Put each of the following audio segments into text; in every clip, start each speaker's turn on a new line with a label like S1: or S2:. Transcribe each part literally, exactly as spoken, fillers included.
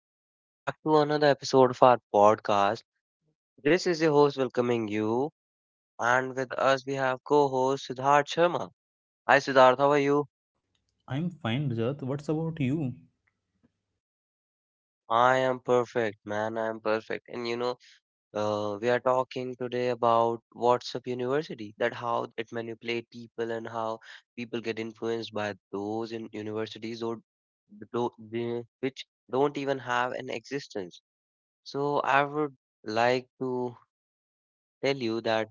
S1: Welcome back to another episode of our podcast. This is your host welcoming you, and with us we have co-host Siddharth Sharma. Hi, Siddharth. How are you?
S2: I'm fine, Rajat. What's about you?
S1: I am perfect, man. I am perfect. And you know, uh, we are talking today about WhatsApp University, that how it manipulate people and how people get influenced by those in universities or tho- the- which don't even have an existence. So I would like to tell you that.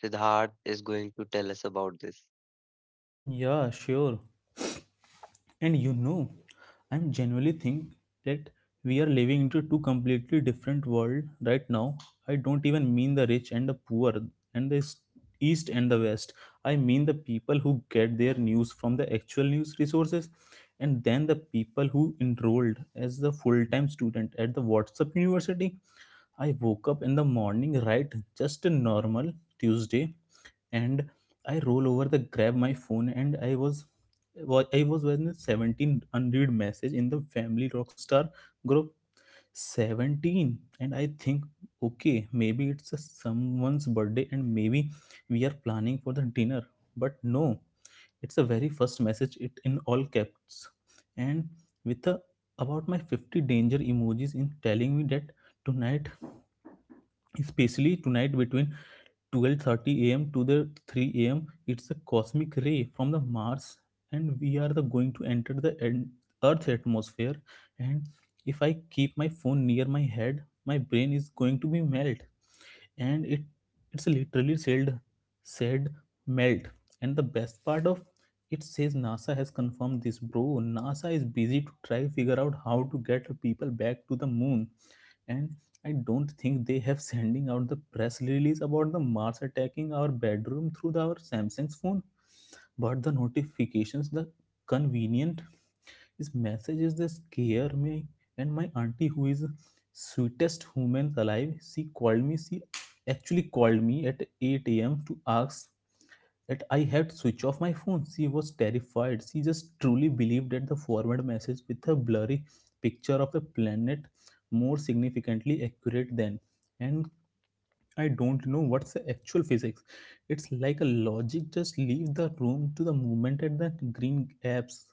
S1: Siddharth is going to tell us about this.
S2: Yeah, sure. And you know, I'm genuinely think that we are living into two completely different world right now. I don't even mean the rich and the poor and the s- east and the west. I mean the people who get their news from the actual news resources and then the people who enrolled as the full-time student at the WhatsApp University. I woke up in the morning, right? Just a normal Tuesday and I roll over the grab my phone and I was wa- I was when seventeen unread message in the family rockstar group. seventeen, and I think okay, maybe it's a someone's birthday and maybe we are planning for the dinner, but no, it's the very first message it in all caps and with a, about my fifty danger emojis in telling me that tonight, especially tonight between twelve thirty a m to the three a m. It's a cosmic ray from the Mars, and we are the going to enter the en- Earth atmosphere. And if I keep my phone near my head, my brain is going to be melt, and it it's literally said said melt. And the best part of it says NASA has confirmed this, bro. NASA is busy to try figure out how to get people back to the moon, and I don't think they have sending out the press release about the Mars attacking our bedroom through the- our Samsung's phone. But the notifications, the convenient is messages that scare me. And my auntie, who is sweetest human alive, she called me. She actually called me at eight a m to ask that I had switched off my phone. She was terrified. She just truly believed that the forward message with a blurry picture of the planet more significantly accurate than. And I don't know what's the actual physics. It's like a logic just leave the room to the moment at the green apps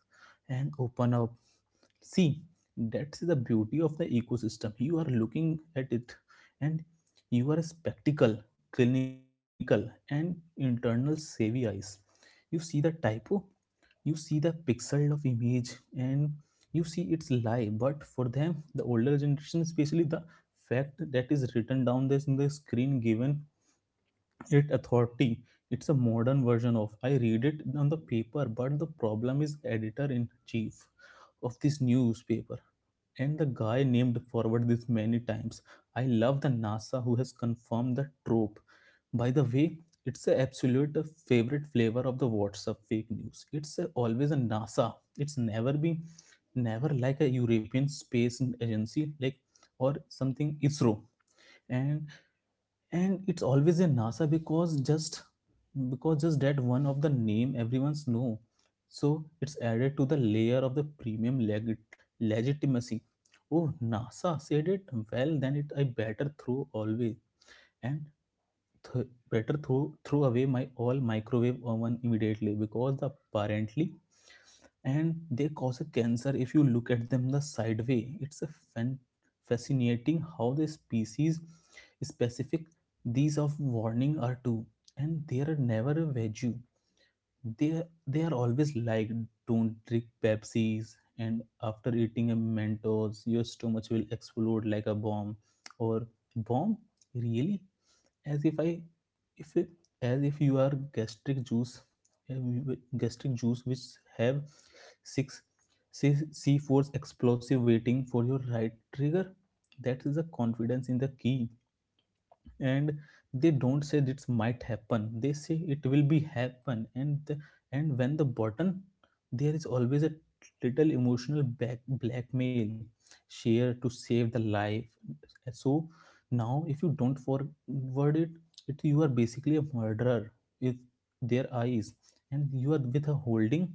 S2: and open up, see, that's the beauty of the ecosystem you are looking at it, and you are a spectacle clinical and internal savvy eyes. You see the typo, you see the pixel of image, and you see its lie. But for them, the older generation, especially the fact that is written down this in the screen given it authority, it's a modern version of I read it on the paper. But the problem is editor in chief of this newspaper and the guy named forward this many times. I love the NASA who has confirmed the trope. By the way, it's a absolute favorite flavor of the WhatsApp fake news. It's a- always a NASA. It's never been, never like a European space agency like, or something ISRO. And and it's always in NASA, because just because just that one of the name everyone's know, so it's added to the layer of the premium leg- legitimacy. Oh, NASA said it, well then it I better throw always, and th- better throw throw away my all microwave oven immediately, because the apparently and they cause a cancer if you look at them the side way. It's a fan- fascinating how the species specific these of warning are too. And they are never a veggie, they they are always like, don't drink Pepsis, and after eating a Mentos your stomach will explode like a bomb. Or bomb, really. As if i if as if you are gastric juice uh, gastric juice which have six C- c4's explosive waiting for your right trigger. That is the confidence in the key. And they don't say this might happen, they say it will be happen. And the, and when the button, there is always a little emotional back, blackmail, share to save the life. So now if you don't forward it, it you are basically a murderer if their eyes, and you are with a holding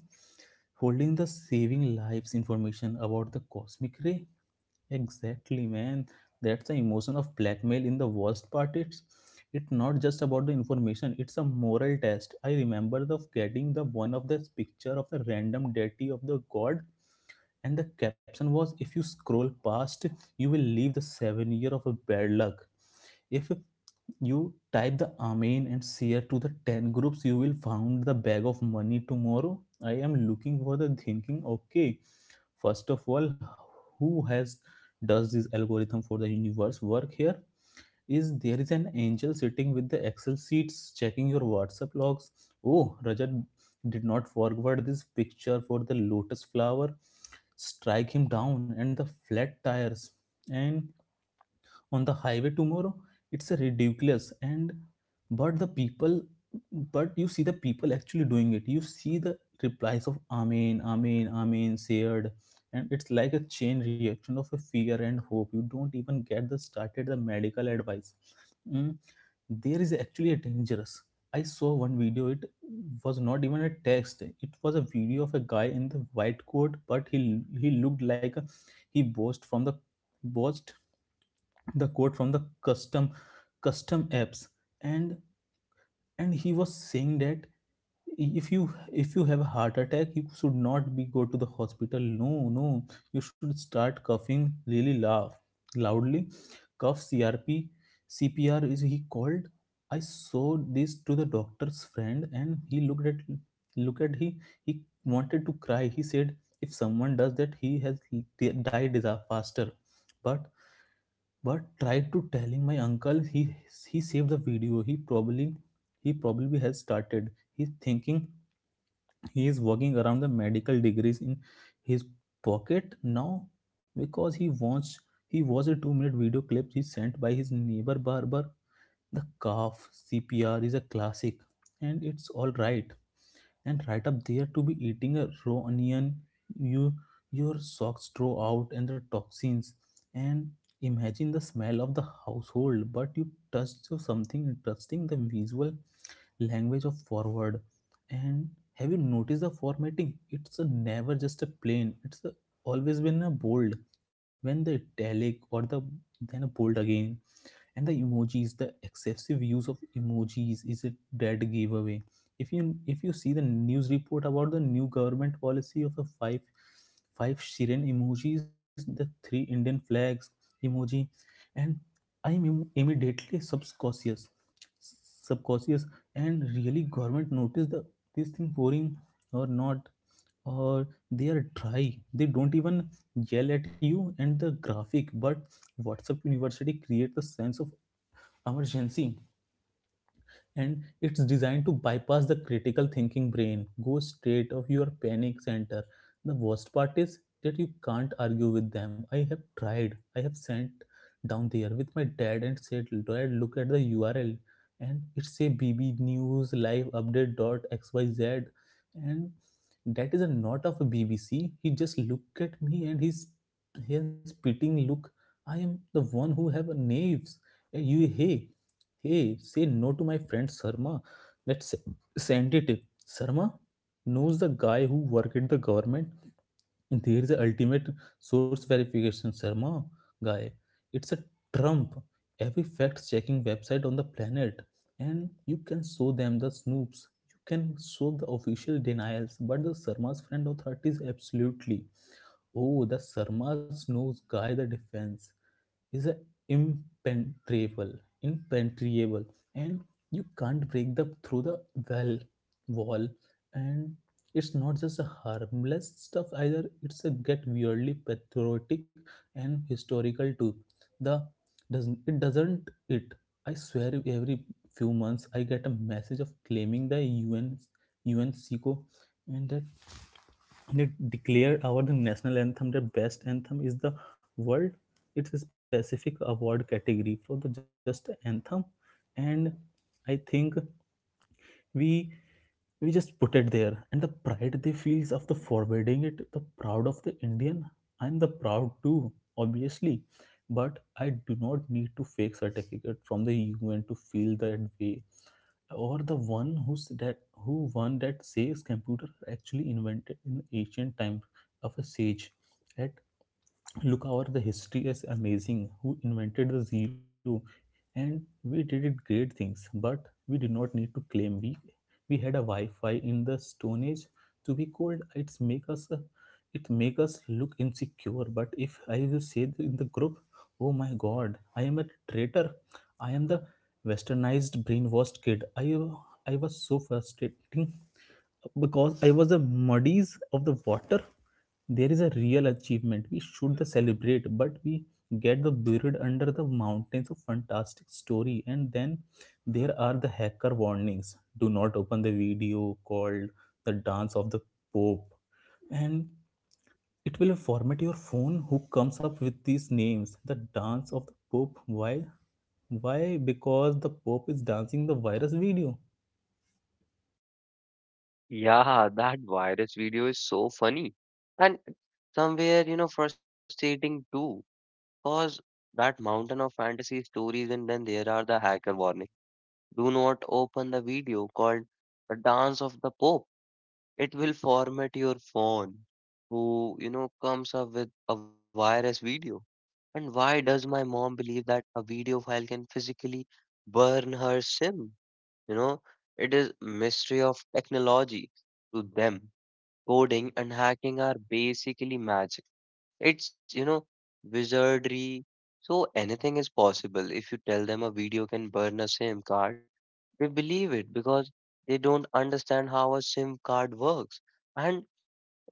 S2: holding the saving lives information about the cosmic ray. Exactly, man. That's the emotion of blackmail in the worst part. It's it's not just about the information, it's a moral test. I remember the getting the one of this picture of the random deity of the god, and the caption was, if you scroll past, you will leave the seven year of a bad luck. If you type the Amen and share to the ten groups, you will found the bag of money tomorrow. I am looking for the thinking. Okay, first of all, who has does this algorithm for the universe work here? Is there is an angel sitting with the Excel sheets checking your WhatsApp logs? Oh, Rajat did not forward this picture for the lotus flower, strike him down and the flat tires and on the highway tomorrow. It's a ridiculous. And but the people, but you see the people actually doing it, you see the replies of amen, amen, amen, shared, and it's like a chain reaction of a fear and hope. You don't even get the started the medical advice. Mm, there is actually a dangerous. I saw one video, it was not even a text, it was a video of a guy in the white coat, but he he looked like a, he boasted from the boasted the quote from the custom custom apps. And and he was saying that if you if you have a heart attack, you should not be go to the hospital. No, no, you should start coughing, really laugh loudly, cough, crp cpr is he called. I saw this to the doctor's friend, and he looked at look at he he wanted to cry. He said if someone does that, he has died faster. But but try to telling my uncle, he he saved the video. He probably he probably has started. He's thinking, he is walking around the medical degrees in his pocket now, because he wants he was a two minute video clip he sent by his neighbor barber. The calf C P R is a classic, and it's all right, and right up there to be eating a raw onion, you your socks draw out and the toxins, and imagine the smell of the household. But you touch to something interesting, the visual language of forward. And have you noticed the formatting? It's a never just a plain, it's a, always been a bold when the italic, or the then a bold again. And the emojis, the excessive use of emojis is a dead giveaway. If you if you see the news report about the new government policy of a five five shirin emojis, the three indian flags emoji, and I am im- immediately subconscious subconscious. And really government notice the this thing boring or not, or they are dry, they don't even yell at you and the graphic. But WhatsApp University create the sense of emergency, and it's designed to bypass the critical thinking brain, go straight of your panic center. The worst part is that you can't argue with them. I have tried, I have sent down there with my dad and said, dad, look at the url, and it's a BB News Live Update dot xyz, and that is a not of a BBC. He just looked at me, and he's he has spitting look. I am the one who have knaves and you, hey Hey, say no to my friend Sarma. Let's se- send it. Sarma knows the guy who work at the government. There is a ultimate source verification Sarma guy. It's a trump. Every fact-checking website on the planet, and you can show them the snoops. You can show the official denials, but the Sarma's friend authorities absolutely. Oh, the Sarma's knows guy, the defense is a impenetrable, impenetrable, and you can't break the through the well wall. And it's not just a harmless stuff either. It's a get weirdly patriotic and historical too. The doesn't it doesn't it? I swear every few months I get a message of claiming the U N U N and that they declared our the national anthem the best anthem is the world. It's a specific award category for the just anthem. And I think we we just put it there, and the pride they feels of the forwarding it, the proud of the Indian. I'm the proud too, obviously, but I do not need to fake certificate from the UN to feel that way. Or the one who's that, who one that says computer are actually invented in ancient time of a sage. At look our the history is amazing. Who invented the zero? And we did it great things, but we did not need to claim we we had a Wi-Fi in the stone age to be cold. It's make us uh, it make us look insecure. But if I will say in the group, oh my god, I am a traitor, I am the westernized brainwashed kid. I i was so frustrating because I was the muddies of the water. There is a real achievement we should the celebrate, but we get the buried under the mountains of fantastic story. And then there are the hacker warnings: do not open the video called the dance of the pope, and it will format your phone. Who comes up with these names? The dance of the pope. Why why Because the pope is dancing the virus video.
S1: Yeah, that virus video is so funny. And somewhere, you know, frustrating too. Cause that mountain of fantasy stories and then there are the hacker warning. Do not open the video called The Dance of the Pope. It will format your phone. Who, you know, comes up with a virus video? And why does my mom believe that a video file can physically burn her SIM? You know, it is mystery of technology to them. Coding and hacking are basically magic. It's, you know, wizardry. So anything is possible. If you tell them a video can burn a SIM card, they believe it because they don't understand how a SIM card works. And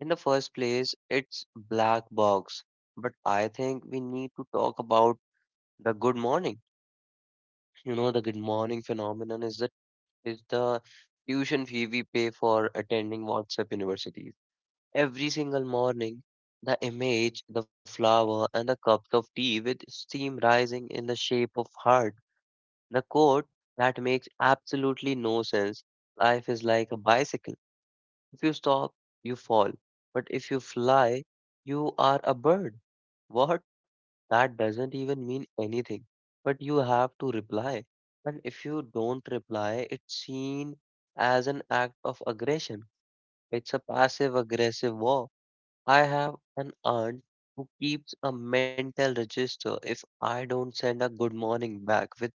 S1: in the first place, it's black box. But I think we need to talk about the good morning. You know, the good morning phenomenon is the is the tuition fee we pay for attending WhatsApp universities. Every single morning, the image, the flower, and the cups of tea with steam rising in the shape of heart. The quote that makes absolutely no sense. Life is like a bicycle. If you stop, you fall. But if you fly, you are a bird. What? That doesn't even mean anything. But you have to reply. And if you don't reply, it's seen as an act of aggression. It's a passive aggressive war. I have an aunt who keeps a mental register. If I don't send a good morning back with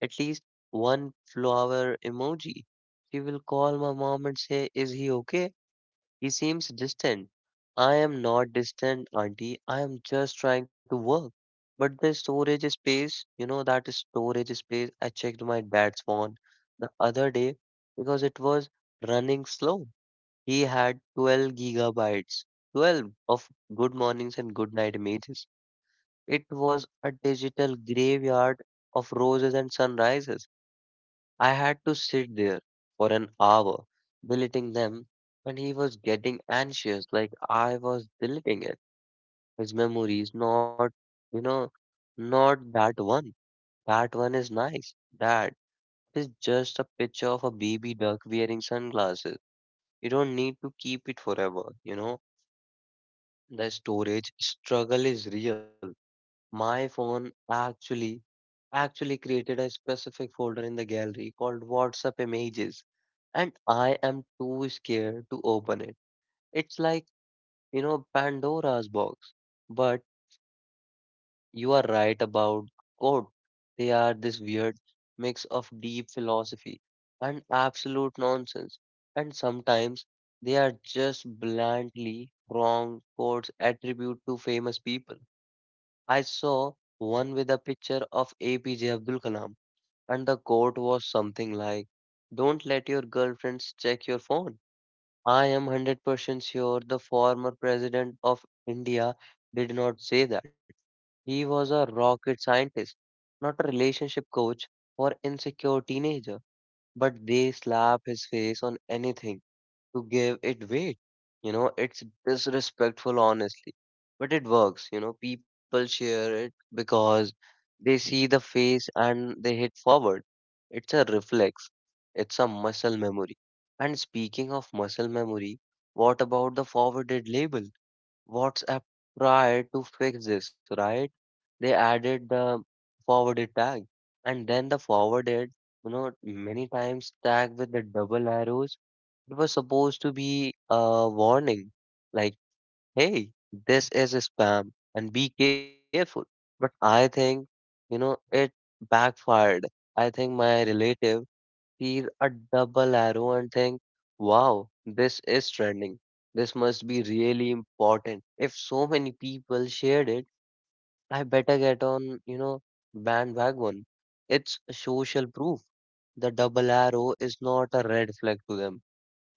S1: at least one flower emoji, she will call my mom and say, "Is he okay? He seems distant." I am not distant, auntie. I am just trying to work. But the storage space, you know, that storage space, I checked my dad's phone the other day because it was running slow. He had twelve gigabytes, twelve of good mornings and good night images. It was a digital graveyard of roses and sunrises. I had to sit there for an hour deleting them, and he was getting anxious like I was deleting it. His memory is not, you know, not that one. That one is nice. That is just a picture of a baby duck wearing sunglasses. You don't need to keep it forever, you know. The storage struggle is real. My phone actually actually created a specific folder in the gallery called WhatsApp images, and I am too scared to open it. It's like, you know, Pandora's box. But you are right about code. They are this weird mix of deep philosophy and absolute nonsense. And sometimes they are just blandly wrong quotes attributed to famous people. I saw one with a picture of A P J Abdul Kalam, and the quote was something like, "Don't let your girlfriends check your phone." I am one hundred percent sure the former president of India did not say that. He was a rocket scientist, not a relationship coach for insecure teenager, but they slap his face on anything to give it weight. You know, it's disrespectful, honestly, but it works. You know, people share it because they see the face and they hit forward. It's a reflex, it's a muscle memory. And speaking of muscle memory, what about the forwarded label? WhatsApp tried to fix this, right? They added the forwarded tag and then the forwarded, you know, many times tag with the double arrows. It was supposed to be a warning, like, hey, this is a spam and be careful. But I think, you know, it backfired. I think my relative sees a double arrow and think, wow, this is trending. This must be really important. If so many people shared it, I better get on, you know, bandwagon. It's social proof. The double arrow is not a red flag to them.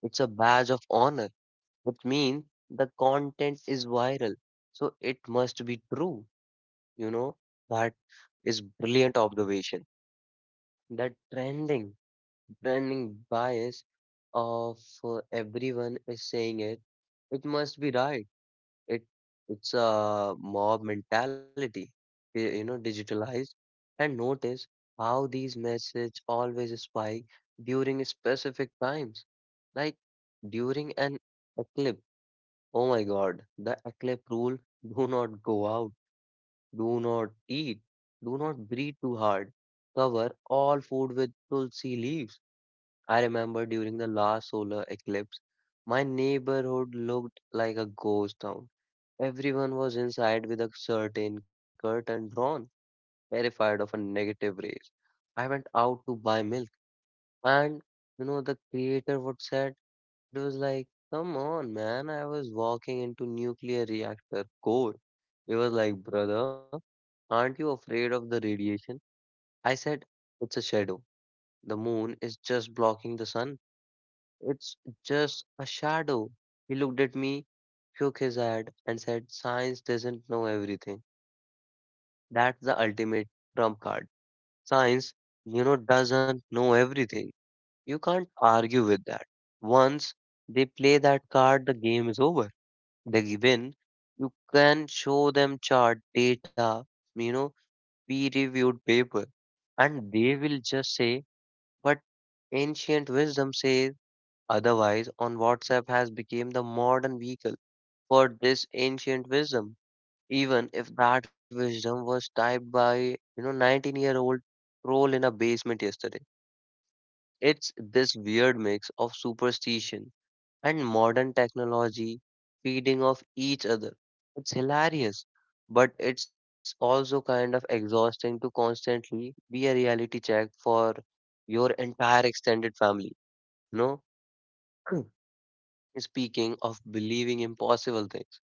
S1: It's a badge of honor which means the content is viral. So it must be true. You know, that is brilliant observation. The trending, trending bias of uh, everyone is saying it. It must be right. It it's a mob mentality. y- You know, digitalized. And notice how these messages always spike during specific times, like during an eclipse. Oh my God, the Eclipse rule, do not go out, do not eat, do not breathe too hard. Cover all food with tulsi leaves. I remember during the last solar eclipse, my neighborhood looked like a ghost town. Everyone was inside with a certain curtain drawn, terrified of a negative rays. I went out to buy milk, and you know, the creator would say. It was like, come on, man. I was walking into nuclear reactor core. He was like, "Brother, aren't you afraid of the radiation?" I said, it's a shadow. The moon is just blocking the sun. It's just a shadow. He looked at me, shook his head, and said, science doesn't know everything. That's the ultimate trump card. Science, you know, doesn't know everything. You can't argue with that. Once they play that card, the game is over. The given, you can show them chart data, you know, peer reviewed paper, and they will just say, but ancient wisdom says otherwise on WhatsApp has become the modern vehicle for this ancient wisdom, even if that wisdom was typed by, you know, nineteen year old troll in a basement yesterday. It's this weird mix of superstition and modern technology feeding off each other. It's hilarious, but it's also kind of exhausting to constantly be a reality check for your entire extended family. You know, speaking of believing impossible things,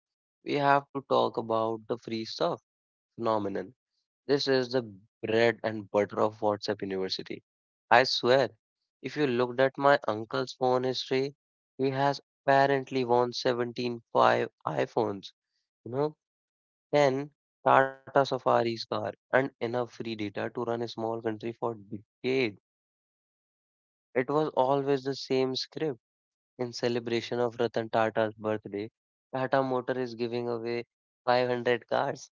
S1: we have to talk about the free stuff phenomenon. This is the bread and butter of WhatsApp University. I swear, if you looked at my uncle's phone history, he has apparently won seventeen five iPhones, you know, ten Tata Safari's car, and enough free data to run a small country for decades. It was always the same script. In celebration of Ratan Tata's birthday, Tata Motor is giving away five hundred cars.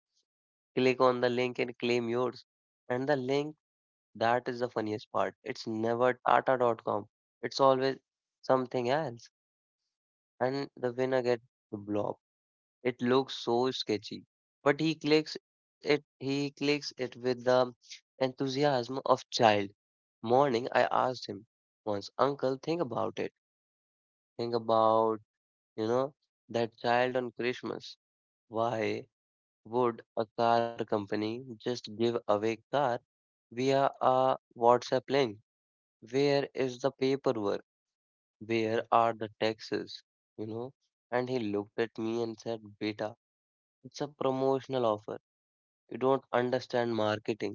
S1: Click on the link and claim yours. And the link, that is the funniest part. It's never Tata dot com. It's always something else. And the winner gets the blob. It looks so sketchy. But he clicks it he clicks it with the enthusiasm of child. Morning I asked him once, Uncle, think about it. Think about, you know, that child on Christmas. Why would a car company just give away car via a WhatsApp link? Where is the paperwork? Where are the taxes? You know? And he looked at me and said, "Beta, it's a promotional offer. You don't understand marketing."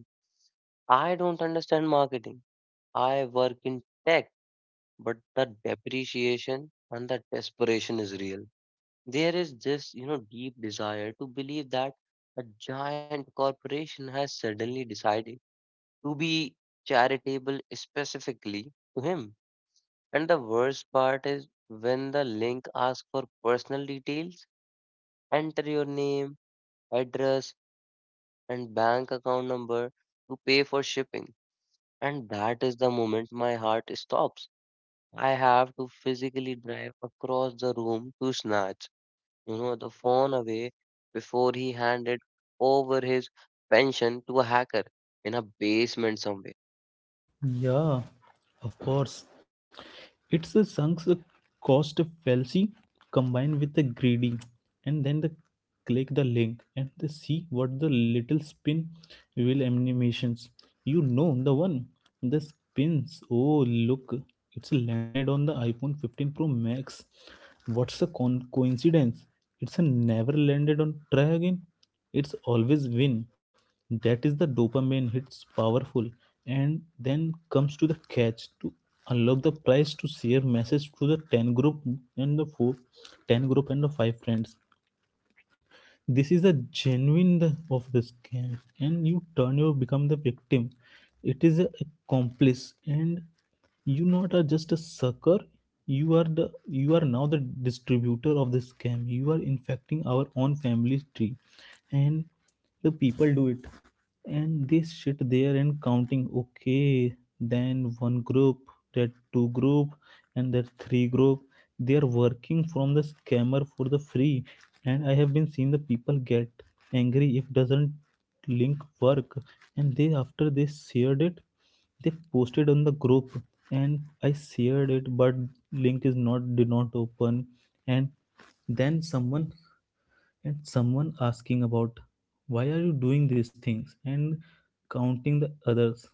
S1: I don't understand marketing. I work in tech, but the depreciation and the desperation is real. There is this, you know, deep desire to believe that a giant corporation has suddenly decided to be charitable specifically to him. And the worst part is when the link asks for personal details, enter your name, address, and bank account number to pay for shipping. And that is the moment my heart stops. I have to physically drive across the room to snatch, you know, the phone away before he handed over his pension to a hacker in a basement somewhere.
S2: Yeah, of course. It's a sunk cost fallacy combined with the greedy, and then the click the link, and they see what the little spin wheel animations. You know the one, the spins. Oh look, it's landed on the iPhone fifteen Pro Max. What's a con- coincidence? It's a never landed on try again. It's always win. That is the dopamine hits powerful. And then comes to the catch to unlock the price to share message to the ten group and the four ten group and the five friends. This is a genuine of the scam, and you turn you become the victim. It is a accomplice, and you not are just a sucker. You are the you are now the distributor of the scam. You are infecting our own family tree, and the people do it, and they sit there and counting, okay, then one group, that two group, and that three group. They are working from the scammer for the free. And I have been seeing the people get angry if doesn't link work. And they after they shared it, they posted on the group, and I shared it, but link is not did not open. And then someone and someone asking about why are you doing these things and counting the others.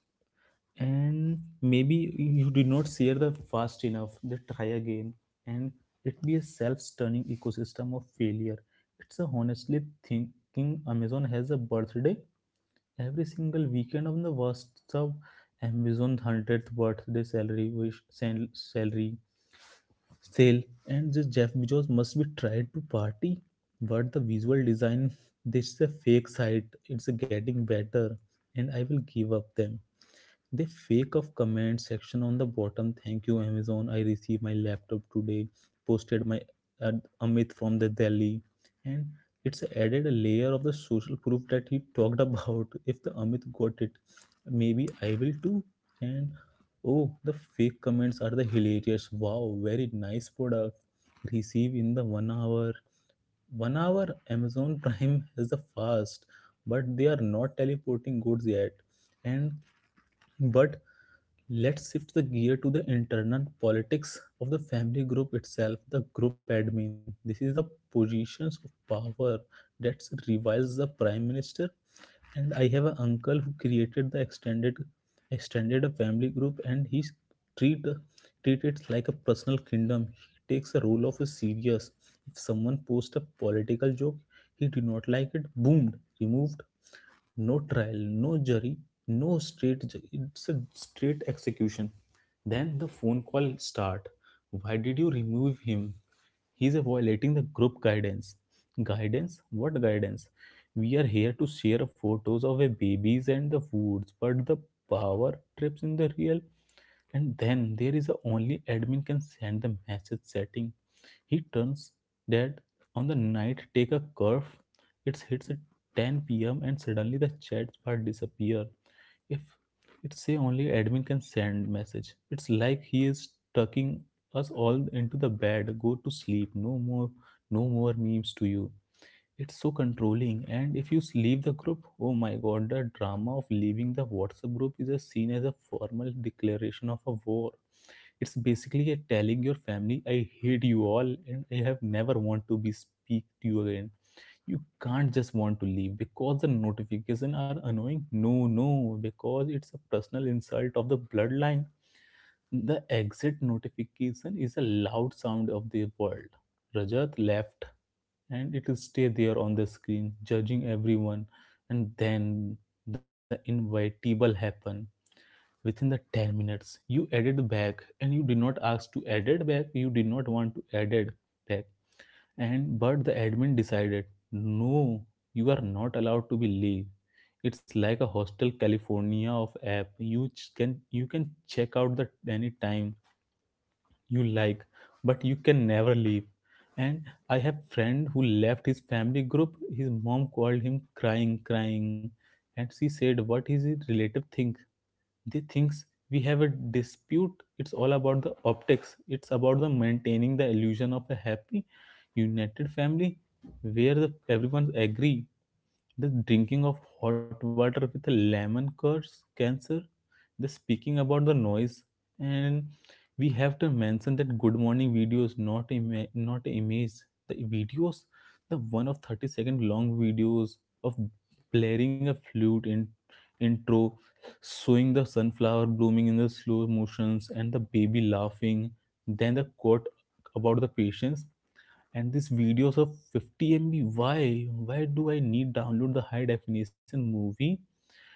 S2: And maybe you did not share the fast enough, they try again. And it be a self-stunning ecosystem of failure. It's a honestly thinking Amazon has a birthday every single weekend on the worst of Amazon hundredth birthday salary wish sal- salary sale. And this Jeff Bezos must be tried to party. But the visual design, this is a fake site, it's getting better, and I will give up them. They fake of comment section on the bottom. Thank you, Amazon, I received my laptop today. Posted my ad- Amit from the Delhi. And it's added a layer of the social proof that he talked about. If the Amit got it, maybe I will too. And oh, the fake comments are the hilarious. Wow, very nice product, receive in the one hour one hour Amazon prime is the fast, but they are not teleporting goods yet. And but let's shift the gear to the internal politics of the family group itself, the group admin. This is the positions of power that reviles the prime minister. And I have an uncle who created the extended extended family group, and he treat treat it like a personal kingdom. He takes the role of a serious. If someone posts a political joke, he did not like it, boomed, removed, no trial, no jury, no straight. ju- It's a straight execution. Then the phone call start. Why did you remove him? He's violating the group guidance. Guidance? What guidance? We are here to share photos of a babies and the foods, but the power trips in the real. And then there is a only admin can send the message setting. He turns dead on the night, take a curve. It hits a ten p m and suddenly the chat bar disappear. If it say only admin can send message. It's like he is tucking us all into the bed. Go to sleep. No more, no more memes to you. It's so controlling. And if you leave the group, oh my god, the drama of leaving the WhatsApp group is a seen as a formal declaration of a war. It's basically a telling your family, I hate you all and I have never want to be speak to you again. You can't just want to leave because the notification are annoying. No, no, because it's a personal insult of the bloodline. The exit notification is a loud sound of the world. Rajat left, and it will stay there on the screen judging everyone. And then the inevitable happen within the ten minutes. You added back, and you did not ask to edit back, you did not want to edit back. And but the admin decided no, you are not allowed to be leave. It's like a hostel california of app. You can you can check out the any time you like, but you can never leave. And I have friend who left his family group, his mom called him crying, crying. And she said, what is it relative think they thinks we have a dispute. It's all about the optics. It's about the maintaining the illusion of a happy united family where the, everyone agree the drinking of hot water with a lemon cures cancer. The speaking about the noise. And we have to mention that good morning videos, not ima- not image, the videos, the one of thirty second long videos of blaring a flute in intro, showing the sunflower blooming in the slow motions and the baby laughing, then the quote about the patience. And these videos of fifty M B. Why? Why do I need download the high definition movie?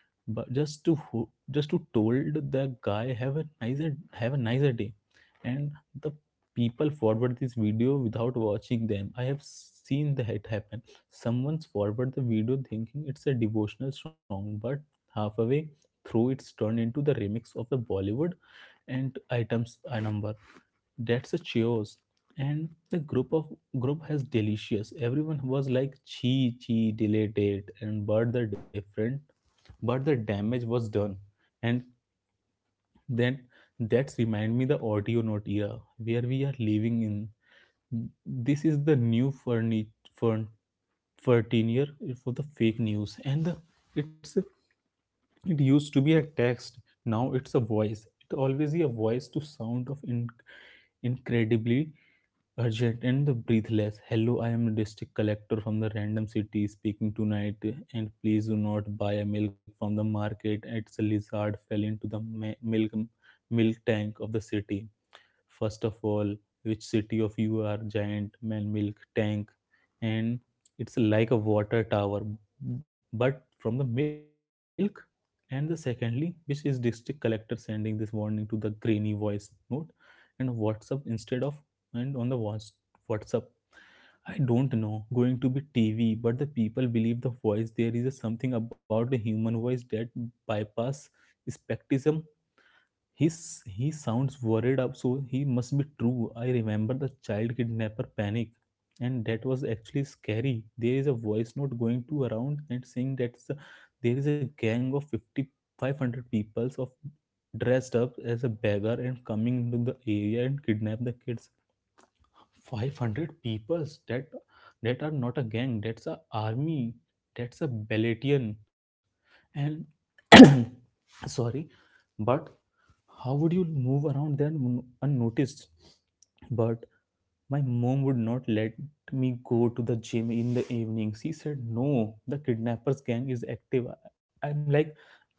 S2: But just to ho- just to told the guy have a nicer have a nicer day. And the people forward this video without watching them. I have seen that happen. Someone's forward the video thinking it's a devotional song, but halfway through it's turned into the remix of the Bollywood and items a number. That's a cheers, and the group of group has delicious. Everyone was like chee chee, delayed it, and but the different but the damage was done. And then that's remind me the audio note era where we are living in. This is the new furni fern thirteen year for the fake news. And the, it's it used to be a text. Now it's a voice. It always is a voice to sound of in- incredibly urgent and the breathless. Hello, I am a district collector from the random city speaking tonight. And please do not buy a milk from the market, it's a lizard fell into the ma- milk milk tank of the city. First of all, which city of you are giant man milk tank? And it's like a water tower but from the milk. And the secondly, which is district collector sending this warning to the grainy voice note and WhatsApp instead of, and on the WhatsApp. I don't know going to be TV, but the people believe the voice. There is a something about the human voice that bypass skepticism. His, he sounds worried up, so he must be true. I remember the child kidnapper panic, and that was actually scary. There is a voice note going to around and saying that s- there is a gang of fifty five hundred five hundred people of dressed up as a beggar and coming into the area and kidnap the kids. five hundred people, that that are not a gang. That's a army. That's a battalion. And sorry, but how would you move around there un- unnoticed? But my mom would not let me go to the gym in the evening. She said, no, the kidnappers gang is active. I- I'm like,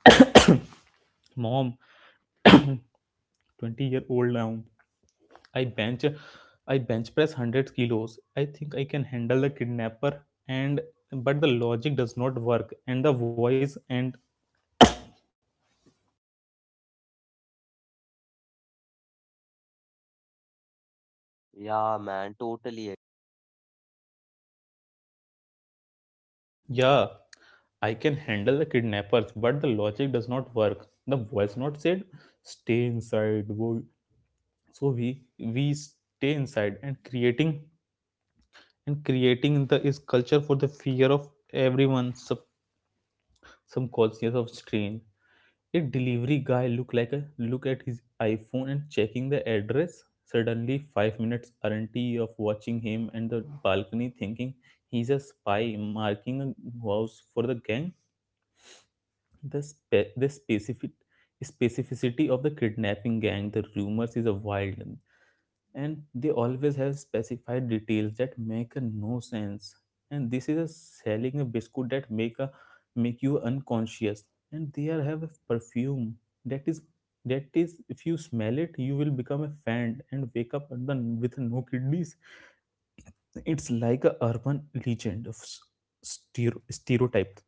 S2: Mom, twenty year old now. I bench I bench press one hundred kilos. I think I can handle the kidnapper. And but the logic does not work and the voice and
S1: Yeah, man, totally.
S2: yeah, I can handle the kidnappers, but the logic does not work. The voice not said, "Stay inside." wo-" So we we stay inside and creating and creating the is culture for the fear of everyone. Sub subconscious of strain. A delivery guy look like a look at his iPhone and checking the address. Suddenly, five minutes aren't of watching him and the balcony, thinking he's a spy marking a house for the gang. The, spe- the specific specificity of the kidnapping gang, the rumors is a wild one, and they always have specified details that make a no sense. And this is a selling a biscuit that make a make you unconscious. And they are have a perfume that is that is if you smell it, you will become a fan and wake up at the, with no kidneys. It's like a urban legend of s- stereo- stereotype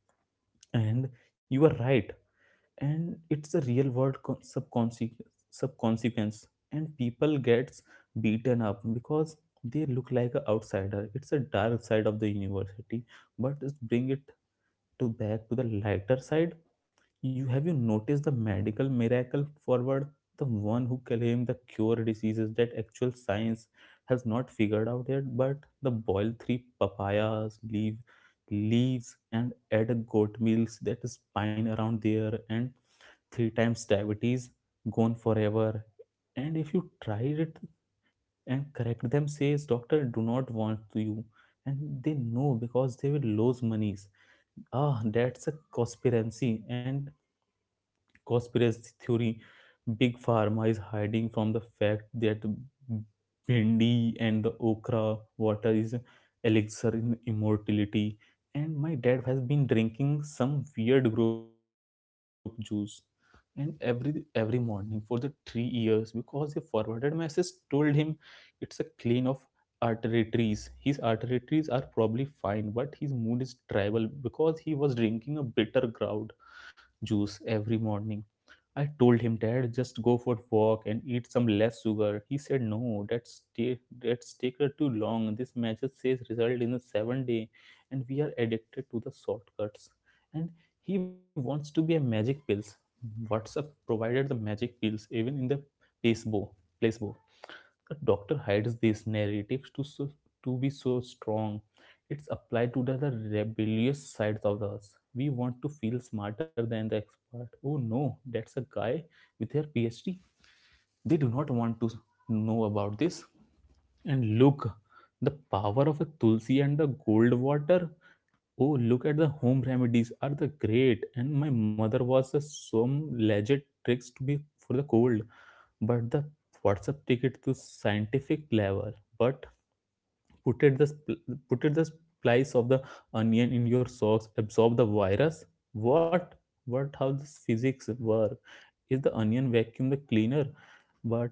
S2: and you are right. And it's a real world con- subconsequence subconsequence, and people gets beaten up because they look like an outsider. It's a dark side of the university, but just bring it to back to the lighter side. You have you noticed the medical miracle forward, the one who claim the cure diseases that actual science has not figured out yet. But the boil three papayas leave leaves and add a goat meals that is pine around there, and three times diabetes gone forever. And if you tried it and correct them says doctor do not want to you, and they know because they will lose monies. Ah, that's a conspiracy, and conspiracy theory, big pharma is hiding from the fact that bindi and the okra water is elixir in immortality. And my dad has been drinking some weird grape juice and every every morning for the three years because the forwarded message told him it's a clean of arteries. His arteries are probably fine, but his mood is tribal because he was drinking a bitter ground juice every morning. I told him, "Dad, just go for walk and eat some less sugar." He said, "No, that's ta- that's take her too long. This message says result in a seven day," and we are addicted to the shortcuts. And he wants to be a magic pills. WhatsApp provided the magic pills even in the placebo. placebo. The doctor hides these narratives to so, to be so strong. It's applied to the, the rebellious sides of us. We want to feel smarter than the expert. Oh no, that's a guy with their phd, they do not want to know about this. And look, the power of a tulsi and the gold water. Oh, look at the home remedies are the great. And my mother was a some legit tricks to be for the cold, but the WhatsApp ticket to scientific level. But put it the spl- put it the slice of the onion in your socks, absorb the virus. What? What? How this physics work? Is the onion vacuum the cleaner? But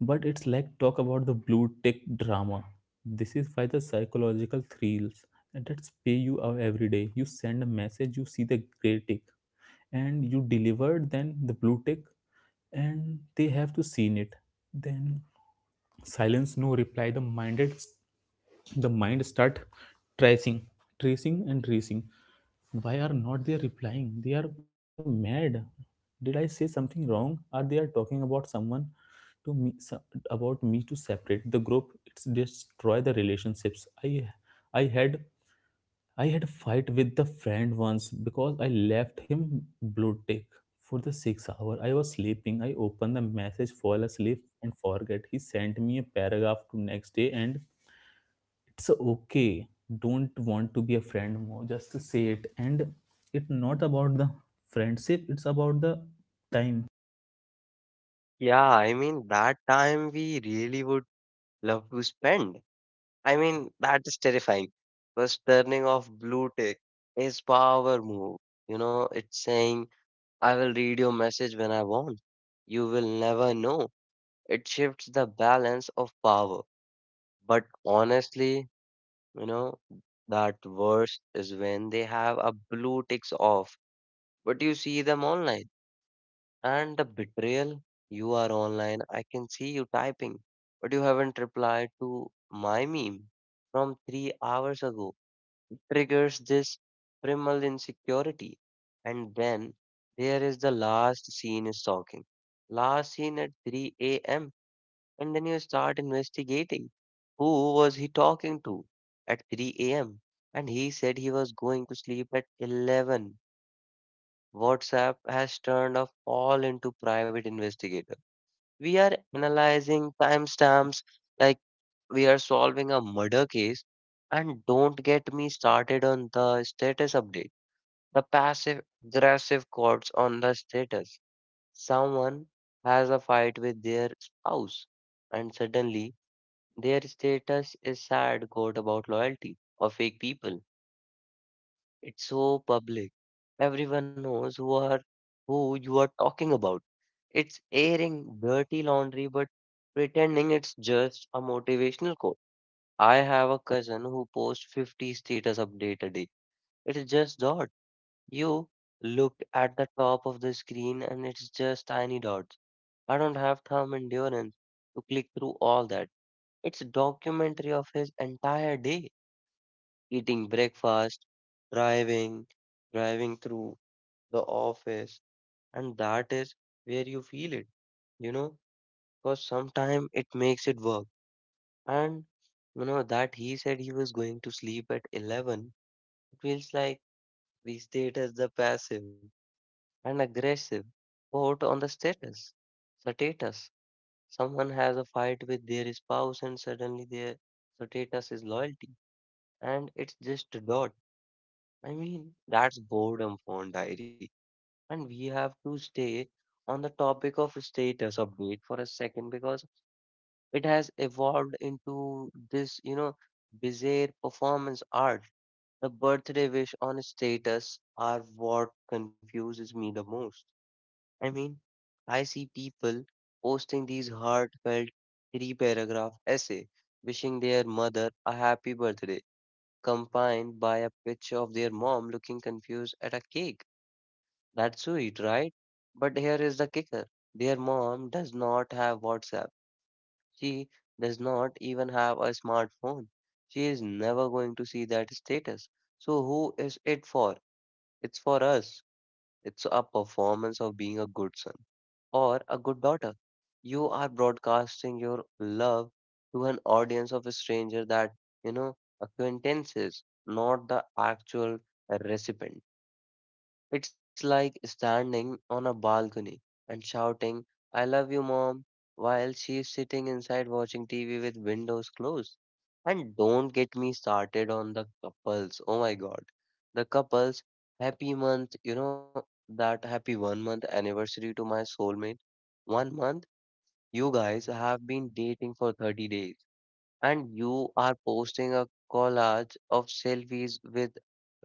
S2: but it's like talk about the blue tick drama. This is why the psychological thrills and that's pay you out every day. You send a message, you see the gray tick, and you deliver then the blue tick, and they have to seen it. Then silence, no reply. The minded, the mind start tracing, tracing and tracing. Why are not they replying? They are have mad. Did I say something wrong? Are they are talking about someone to me so- about me to separate the group? It's destroy the relationships. i i had I had a fight with the friend once because I left him blue tick for the six hour. I was sleeping. I opened the message, fall asleep, and forget. He sent me a paragraph to next day, and it's okay. Don't want to be a friend more. Just to say it, and it's not about the friendship. It's about the time.
S1: Yeah, I mean, that time we really would love to spend. I mean, that is terrifying. First, turning off blue tick is power move. You know, it's saying, I will read your message when I want. You will never know. It shifts the balance of power. But honestly, you know, that worst is when they have a blue ticks off, but you see them online. And the betrayal, you are online, I can see you typing, but you haven't replied to my meme from three hours ago. It triggers this primal insecurity. And then there is the last scene is talking. Last scene at three a m. And then you start investigating. Who was he talking to at three a m? And he said he was going to sleep at eleven. WhatsApp has turned off all into private investigators, we are analyzing timestamps like we are solving a murder case. And don't get me started on the status update, the passive aggressive chords on the status. Someone has a fight with their spouse, and suddenly their status is sad quote about loyalty or fake people. It's so public. Everyone knows who are who you are talking about. It's airing dirty laundry but pretending it's just a motivational quote. I have a cousin who posts fifty status update a day. It's just dot. You look at the top of the screen and it's just tiny dots. I don't have thumb endurance to click through all that. It's a documentary of his entire day, eating breakfast, driving, driving through the office, and that is where you feel it, you know? Because sometimes it makes it work. And you know that he said he was going to sleep at eleven. It feels like we stayed as the passive and aggressive vote on the status. Status. Someone has a fight with their spouse and suddenly their status is loyalty. And it's just a dot. I mean, that's boredom phone diary. And we have to stay on the topic of status update for a second because it has evolved into this, you know, bizarre performance art. The birthday wish on status are what confuses me the most. I mean, I see people posting these heartfelt three paragraph essay wishing their mother a happy birthday, combined by a picture of their mom looking confused at a cake. That's sweet, right? But here is the kicker. Their mom does not have WhatsApp. She does not even have a smartphone. She is never going to see that status. So who is it for? It's for us. It's a performance of being a good son or a good daughter. You are broadcasting your love to an audience of a stranger that, you know, acquaintances, not the actual recipient. It's like standing on a balcony and shouting, I love you, mom, while she's sitting inside watching T V with windows closed. And don't get me started on the couples. Oh my god. The couples, happy month, you know, that happy one month anniversary to my soulmate. One month, you guys have been dating for thirty days and you are posting a collage of selfies with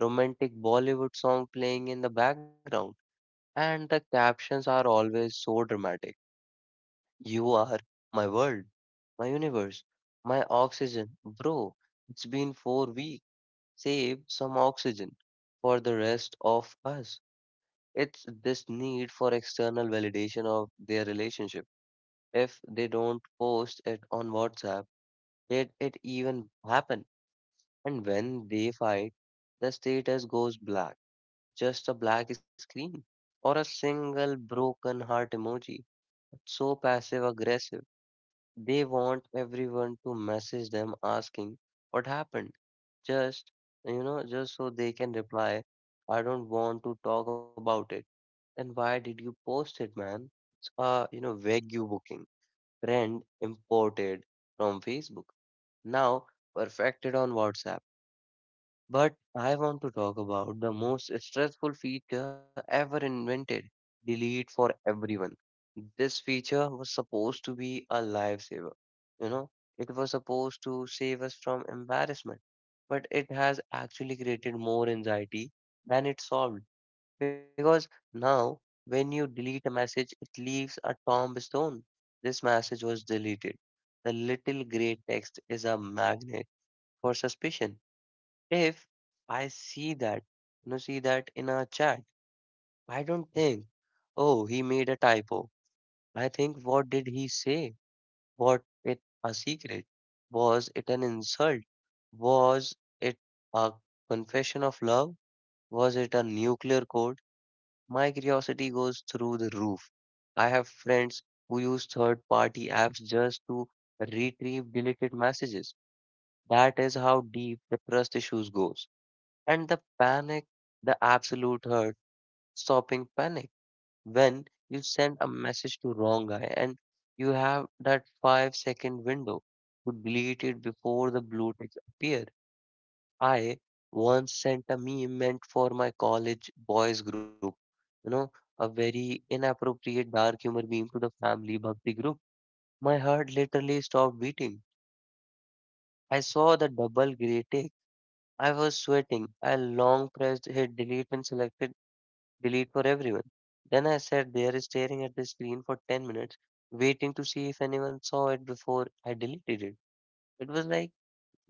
S1: romantic Bollywood song playing in the background. And the captions are always so dramatic. You are my world, my universe, my oxygen. Bro, it's been four weeks. Save some oxygen for the rest of us. It's this need for external validation of their relationship. If they don't post it on WhatsApp, did it even happen? And when they fight, the status goes black. Just a black screen or a single broken heart emoji. So passive aggressive. They want everyone to message them asking what happened. Just, you know, just so they can reply, I don't want to talk about it. And why did you post it, man? It's a, you know, Wagyu booking trend imported from Facebook. Now perfected on WhatsApp. But I want to talk about the most stressful feature ever invented, delete for everyone. This feature was supposed to be a lifesaver. You know, it was supposed to save us from embarrassment, but it has actually created more anxiety than it solved. Because now, when you delete a message, it leaves a tombstone. This message was deleted. The little gray text is a magnet for suspicion if I see that, you know, see that in a chat, I don't think, oh, he made a typo. I think, what did he say? What it a secret? Was it an insult? Was it a confession of love? Was it a nuclear code? My curiosity goes through the roof. I have friends who use third party apps just to retrieve deleted messages. That is how deep the trust issues goes. And the panic, the absolute hurt, stopping panic. When you send a message to wrong guy and you have that five second window to delete it before the blue ticks appear. I once sent a meme meant for my college boys group, you know, a very inappropriate dark humor meme to the family bhakti group. My heart literally stopped beating. I saw the double gray tick. I was sweating. I long pressed hit delete and selected delete for everyone. Then I sat there staring at the screen for ten minutes, waiting to see if anyone saw it before I deleted it. It was like,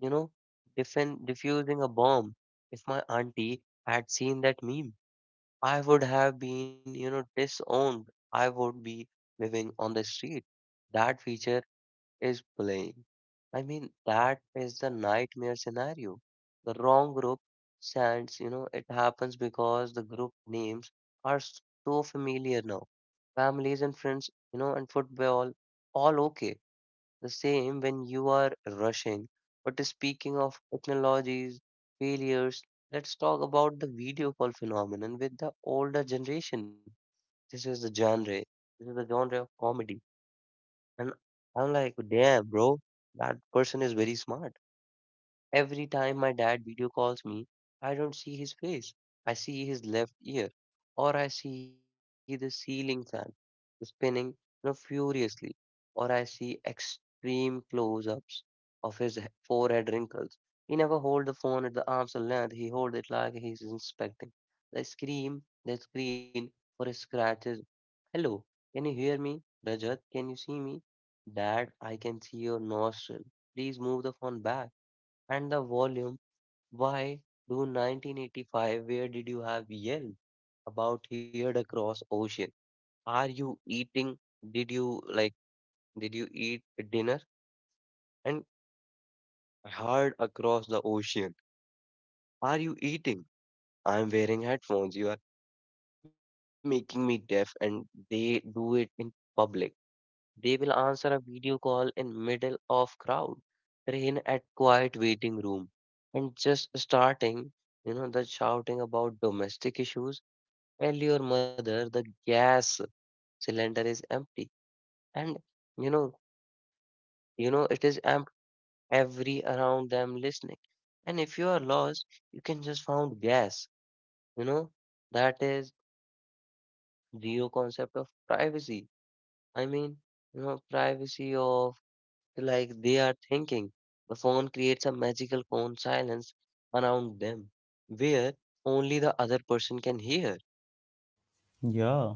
S1: you know, defend, diffusing a bomb. If my auntie had seen that meme, I would have been, you know, disowned. I would be living on the street. That feature is playing. I mean, that is the nightmare scenario. The wrong group sends, you know, it happens because the group names are so familiar now. Families and friends, you know, and football, all okay. The same when you are rushing. But speaking of technologies, failures, let's talk about the video call phenomenon with the older generation. This is the genre. This is the genre of comedy and I'm like, damn, bro, that person is very smart. Every time my dad video calls me, I don't see his face. I see his left ear, or I see the ceiling fan spinning you know, furiously, or I see extreme close ups of his he- forehead wrinkles. He never hold the phone at the arm's length, he hold it like he's inspecting. They scream, they screen for his scratches. Hello, can you hear me? Rajat, can you see me? Dad, I can see your nostril. Please move the phone back and the volume. Why do nineteen eighty-five? Where did you have yell about heard across ocean? Are you eating? Did you like? Did you eat dinner and heard across the ocean? Are you eating? I'm wearing headphones. You are making me deaf, and they do it in public. They will answer a video call in middle of crowd, rain at quiet waiting room, and just starting, you know, the shouting about domestic issues. Tell your mother the gas cylinder is empty, and you know, you know, it is empty. Every around them listening, and if you are lost, you can just found gas. You know, that is zero concept of privacy. I mean, you know, privacy of like they are thinking. The phone creates a magical phone silence around them where only the other person can hear.
S2: Yeah,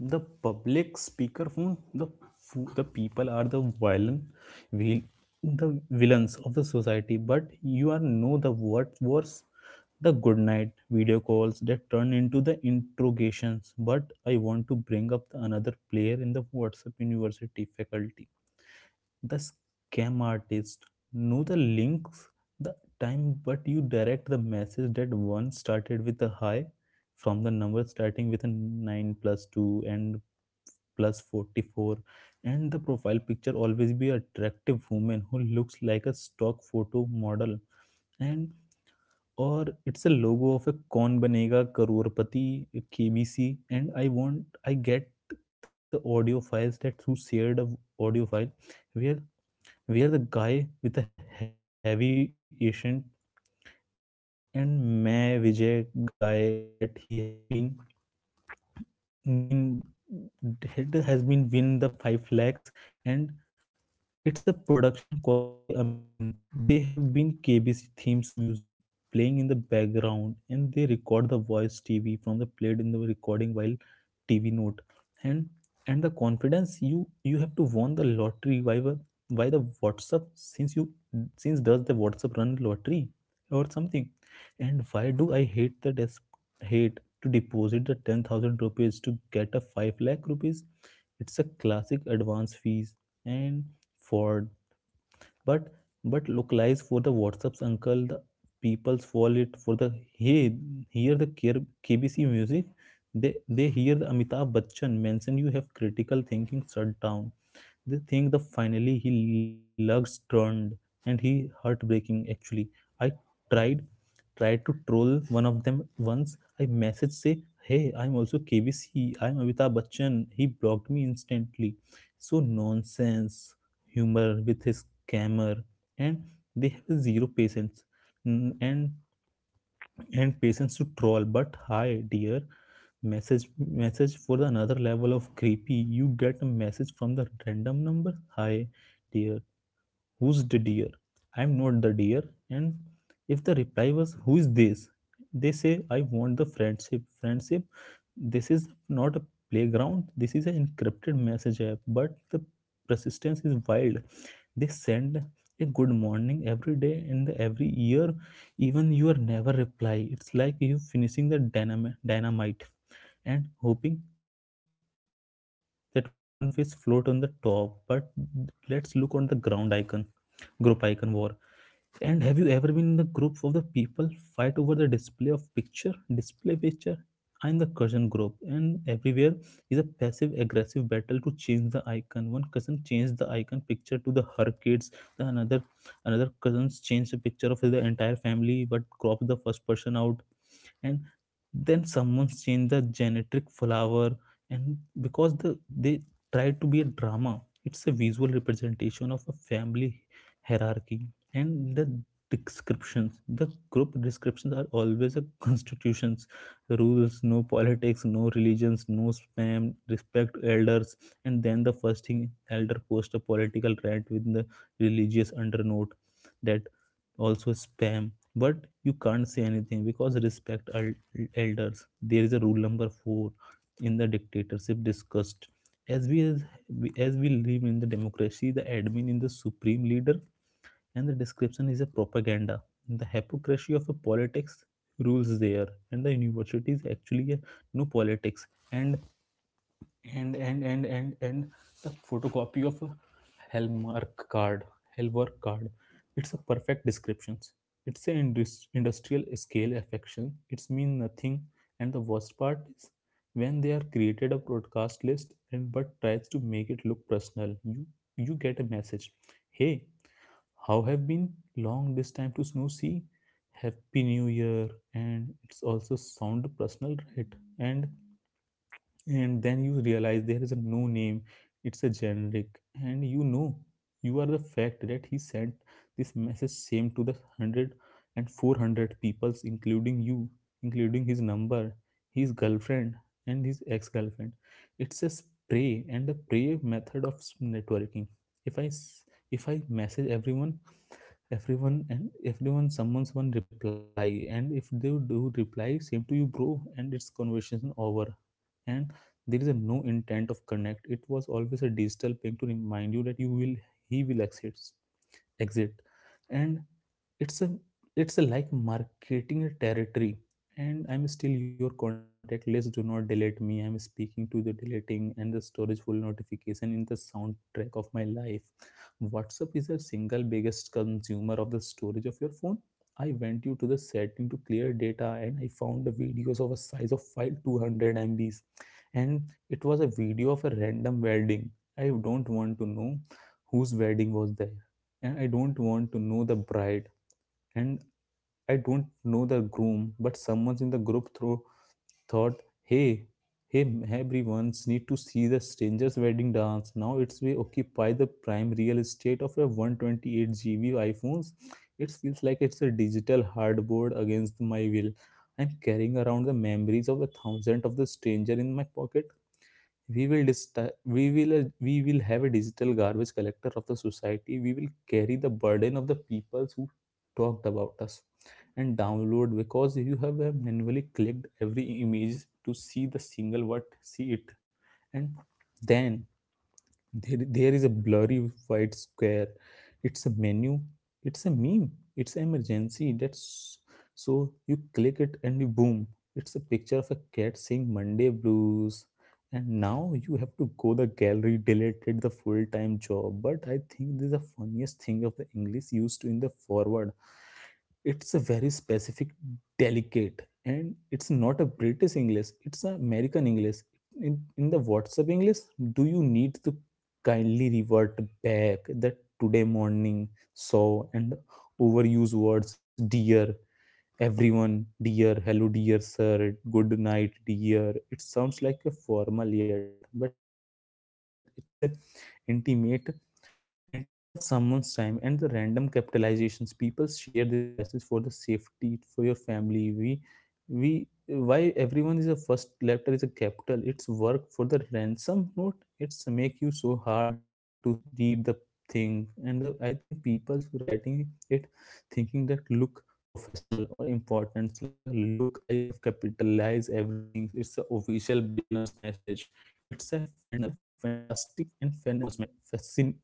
S2: the public speaker speakerphone, the fo- the people are the villain, will the villains of the society. But you are know the what worse, the good night video calls that turn into the interrogations. But I want to bring up the another player in the WhatsApp University faculty, the scam artist know the links, the time, but you direct the message that one started with a high from the number starting with a nine plus two and plus forty-four, and the profile picture always be attractive woman who looks like a stock photo model. And और it's a logo of एक Kaun Banega Crorepati KBC and I want I get the audio files text shared a audio file where where the guy with a heavy accent and मैं Vijay guy that he has been been Haider has been been the पाँच lakh. It's a production quality amazing. They have been K B C themes music playing in the background, and they record the voice T V from the played in the recording while T V note. And and the confidence you you have to won the lottery. Why wa- why the WhatsApp since you since does the WhatsApp run lottery or something? And why do I hate the desk, hate to deposit the ten thousand rupees to get a five lakh rupees? It's a classic advance fees. And for, but but localize for the whatsapp's uncle, the people's wallet for the hey, hear the K- kbc music. They they hear the amitabh bachchan mention, you have critical thinking shut down. They think the finally he lugs turned, and he heartbreaking actually. I tried tried to troll one of them once. I messaged say, "Hey, I'm also K B C. I'm Amitabh Bachchan." He blocked me instantly. So nonsense, humor with his camera, and they have zero patience mm, and and patience to troll. But hi, dear, message message for the another level of creepy. You get a message from the random number, "Hi, dear." Who's the dear? I'm not the dear. And if the reply was, "Who is this?" they say, "I want the friendship friendship." This is not a playground. This is an encrypted message app, but the persistence is wild. They send a good morning every day and the every year even you are never reply. It's like you finishing the dynamite dynamite and hoping that one face float on the top. But let's look on the ground icon group icon war. And have you ever been in the group of the people fight over the display of picture display picture? I'm the cousin group, and everywhere is a passive aggressive battle to change the icon. One cousin changed the icon picture to the her kids. The another another cousins changed the picture of the entire family but cropped the first person out. And then someone changed the genetic flower. And because the they tried to be a drama, it's a visual representation of a family hierarchy. And the descriptions the group descriptions are always a constitutions. Rules: no politics, no religions, no spam, respect elders. And then the first thing elder post a political rant with the religious undernote, that also spam. But you can't say anything because respect elders. There is a rule number four in the dictatorship discussed. As we as we, as we live in the democracy, the admin is the supreme leader, and the description is a propaganda. The hypocrisy of a politics rules there, and the university is actually a no politics, and and and and and and the photocopy of a hallmark card hallmark card. It's a perfect descriptions. It's an indus- industrial scale affection, it's mean nothing. And the worst part is when they are created a broadcast list and but tries to make it look personal. You you get a message, "Hey, how have been long this time to snow see, happy new year," and it's also sound personal right. And and then you realize there is a no name. It's a generic. And you know, you are the fact that he sent this message same to the one hundred and four hundred peoples including you, including his number, his girlfriend, and his ex-girlfriend. It's a spray and the prey method of networking. if i s- if I message everyone everyone and everyone someone's one reply. And if they do reply same to you bro, and it's conversation over. And there is a no intent of connect. It was always a digital ping to remind you that you will he will exit exit. And it's a it's a like marketing a territory. And I'm still your contact list, do not delete me. I'm speaking to the deleting and the storage full notification in the soundtrack of my life. WhatsApp is the single biggest consumer of the storage of your phone. I went you to the setting to clear data, and I found the videos of a size of file two hundred megabytes. And it was a video of a random wedding. I don't want to know whose wedding was there, and I don't want to know the bride. And I don't know the groom, but someone in the group throw thought, hey, hey, everyone's need to see the stranger's wedding dance. Now it's we occupy the prime real estate of a one hundred twenty-eight gigabytes iPhones. It feels like it's a digital hardboard against my will. I'm carrying around the memories of a thousand of the stranger in my pocket. we will dist- we will we will have a digital garbage collector of the society. We will carry the burden of the peoples who talked about us and download because you have uh, manually clicked every image to see the single word, see it. And then there, there is a blurry white square. It's a menu, it's a meme, it's an emergency. That's so you click it and you boom, it's a picture of a cat saying Monday blues. And now you have to go the gallery deleted the full-time job. But I think this is the funniest thing of the English used to in the forward. It's a very specific delicate, and it's not a British English, it's an American English. In, in the WhatsApp English, do you need to kindly revert back that today morning saw. And overuse words, dear everyone, dear hello, dear sir, good night dear. It sounds like a formal yet, but it's an intimate intimate of someone's time. And the random capitalizations, people share this message for the safety for your family. We we why everyone is a first letter is a capital, it's work for the ransom note. It's make you so hard to read the thing. And the, I think people's writing it thinking that look professional or importance. Like, a look, I have capitalized everything, it's a official business message. It's a fantastic and fan, fascin, fascinating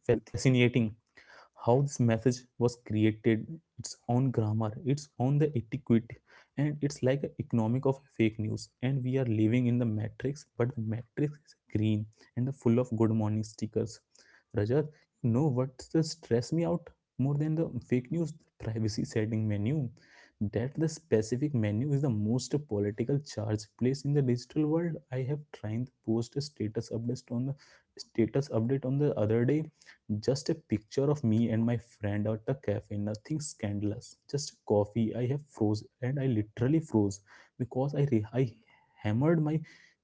S2: how this message was created. Its own grammar, its own the etiquette. And it's like a economic of fake news, and we are living in the matrix, but the matrix is green and the full of good morning stickers. Rajat, you know what's the stress me out more than the fake news? The privacy setting menu. That the specific menu is the most political charge place in the digital world. I have tried to post a status update on the status update on the other day, just a picture of me and my friend at a cafe, nothing scandalous. Just coffee. I have froze, and I literally froze because I re- I hammered my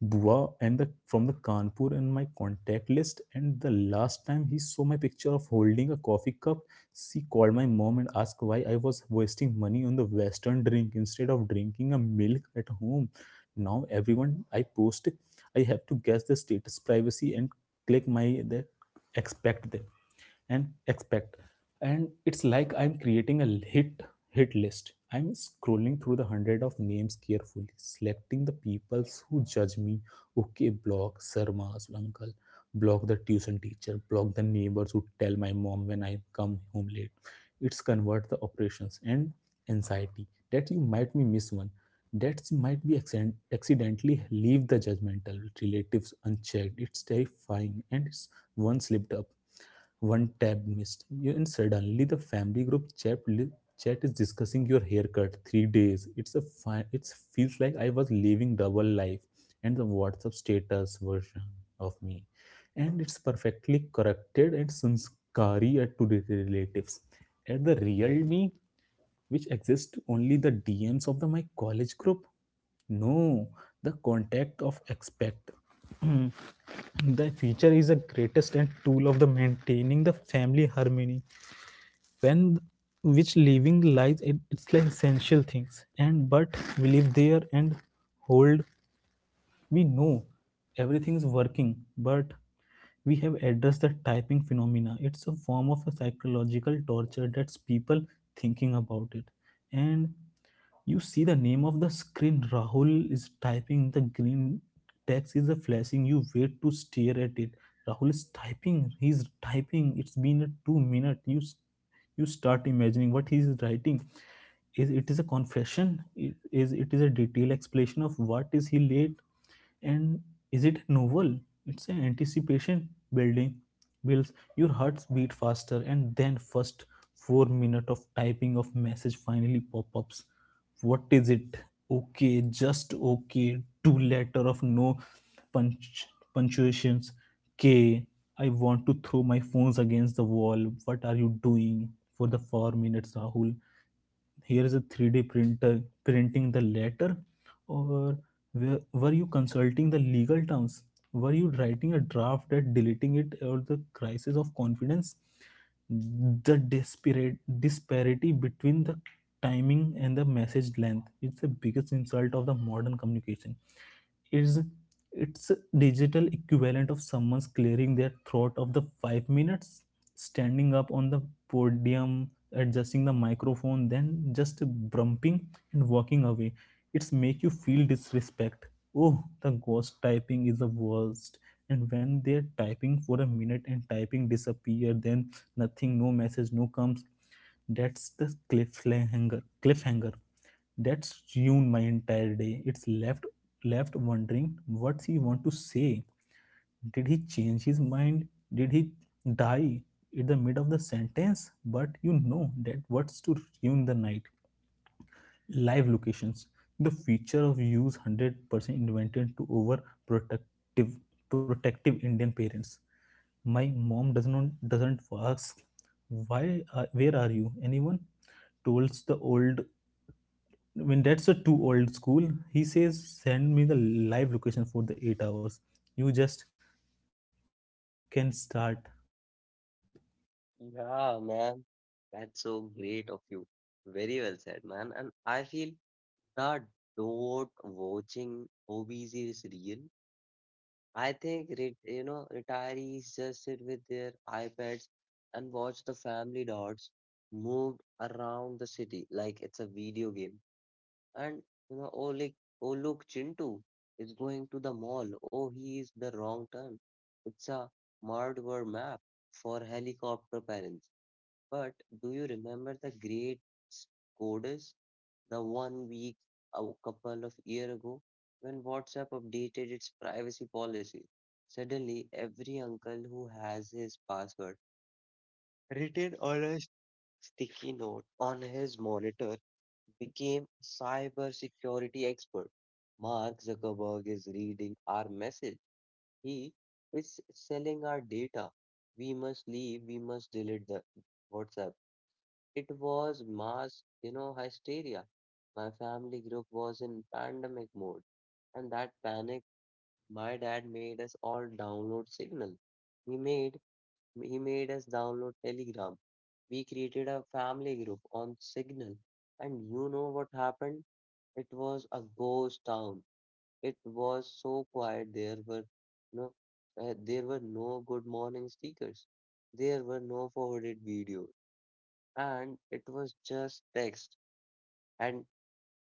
S2: bua and the from the Kanpur and my contact list. And the last time he saw my picture of holding a coffee cup, she called my mom and asked why I was wasting money on the Western drink instead of drinking a milk at home. Now everyone I post, I have to guess the status privacy and click my the expect them and expect. And it's like I'm creating a hit hit list. I'm scrolling through the hundred of names, carefully selecting the peoples who judge me. Okay, block Sarma's uncle, block the tuition teacher, block the neighbors who tell my mom when I come home late. It's convert the operations and anxiety that you might be miss one, that might be accident accidentally leave the judgmental relatives unchecked. It's terrifying. And it's one slipped up, one tab missed, you- and suddenly the family group chat, chat is discussing your haircut. Three days. It's a fine. It feels like I was living double life, and the WhatsApp status version of me, and it's perfectly corrected and sanskari at to the relatives. At the real me, which exists only the D Ms of the my college group. No, the contact of expect. The future is the greatest and tool of the maintaining the family harmony when which living lies it- it's like essential things. And but we live there and hold, we know everything is working, but we have addressed the typing phenomena. It's a form of a psychological torture that's people thinking about it. And you see the name of the screen, Rahul is typing, the green text is a flashing, you wait to stare at it. Rahul is typing, he's typing, it's been a two minute. You s- you start imagining what he is writing. Is it is a confession, it is it is a detailed explanation of what is he late? And, is it novel? It's an anticipation building. Builds your hearts beat faster, and then first four minute of typing of message finally pop ups. What is it? Okay, just okay. Two letter of no punch punctuations. K. I want to throw my phones against the wall. What are you doing for the four minutes, Rahul? Here is a three d printer printing the letter. Or were, were you consulting the legal terms? Were you writing a draft and deleting it? Or the crisis of confidence? The disparate disparity between the timing and the message length, it's the biggest insult of the modern communication. Is, it's digital equivalent of someone's clearing their throat of the five minutes, standing up on the podium adjusting the microphone, then just brumping and walking away. It's make you feel disrespect. Oh the ghost typing is the worst. And when they're typing for a minute and typing disappear, then nothing, no message no comes. That's the cliffhanger cliffhanger that's ruined my entire day. It's left left wondering what he want to say. Did he change his mind? Did he die in the mid of the sentence? But you know that what's to ruin the night. Live locations. The feature of use one hundred percent invented to over protective protective Indian parents. My mom does not doesn't ask why are, where are you? Anyone? Tells the old. I mean, that's a too old school. He says, send me the live location for the eight hours. You just can start.
S1: Yeah, man, that's so great of you. Very well said, man. And I feel that do watching hobbies is real. I think, re- you know, retirees just sit with their iPads and watch the family dots moved around the city like it's a video game. And you know, oh like oh look, Chintu is going to the mall. Oh, he is the wrong turn. It's a Mardwar map for helicopter parents. But do you remember the great Scotus, the one week a couple of year ago when WhatsApp updated its privacy policy? Suddenly, every uncle who has his password written on a sticky note on his monitor became cybersecurity expert. Mark Zuckerberg is reading our message. He is selling our data. We must leave. We must delete the WhatsApp. It was mass, you know, hysteria. My family group was in pandemic mode, and that panic, my dad made us all download Signal. He made he made us download Telegram. We created a family group on Signal, and you know what happened? It was a ghost town. It was so quiet. There were no, uh, there were no good morning stickers. There were no forwarded videos, and it was just text. And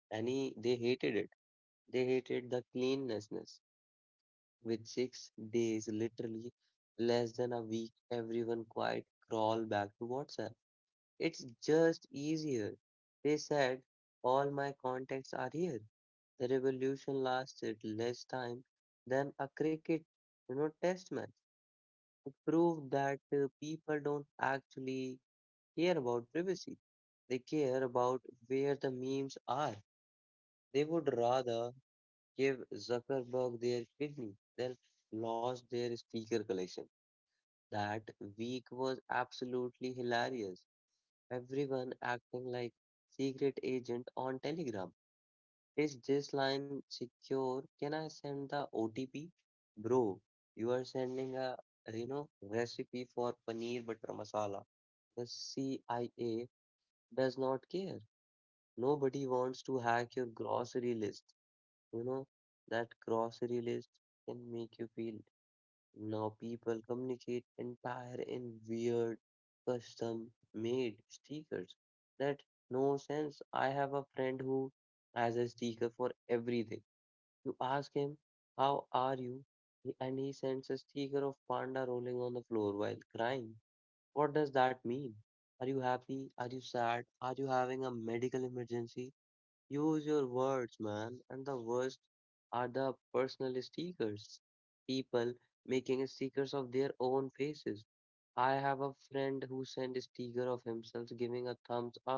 S1: any they hated it. They hated the cleanlessness. With six days, literally less than a week, everyone quite crawled back to WhatsApp. It's just easier. They said, All my contacts are here. The revolution lasted less time than a cricket, you know, test match. It proved that uh, people don't actually care about privacy. They care about where the memes are. They would rather give Zuckerberg their kidney than lost their speaker collection. That week was absolutely hilarious. Everyone acting like secret agent on Telegram. Is this line secure? Can I send the O T P? Bro, you are sending a you know recipe for paneer butter masala. The C I A does not care. Nobody wants to hack your grocery list. You know, that grocery list can make you feel now people communicate entire in weird custom made stickers that no sense. I have a friend who has a sticker for everything. You ask him, How are you? He- And he sends a sticker of panda rolling on the floor while crying. What does that mean? Are you happy? Are you sad? Are you having a medical emergency? Use your words, man. And the worst are the personal stickers. People making stickers of their own faces. I have a friend who sent a sticker of himself giving a thumbs up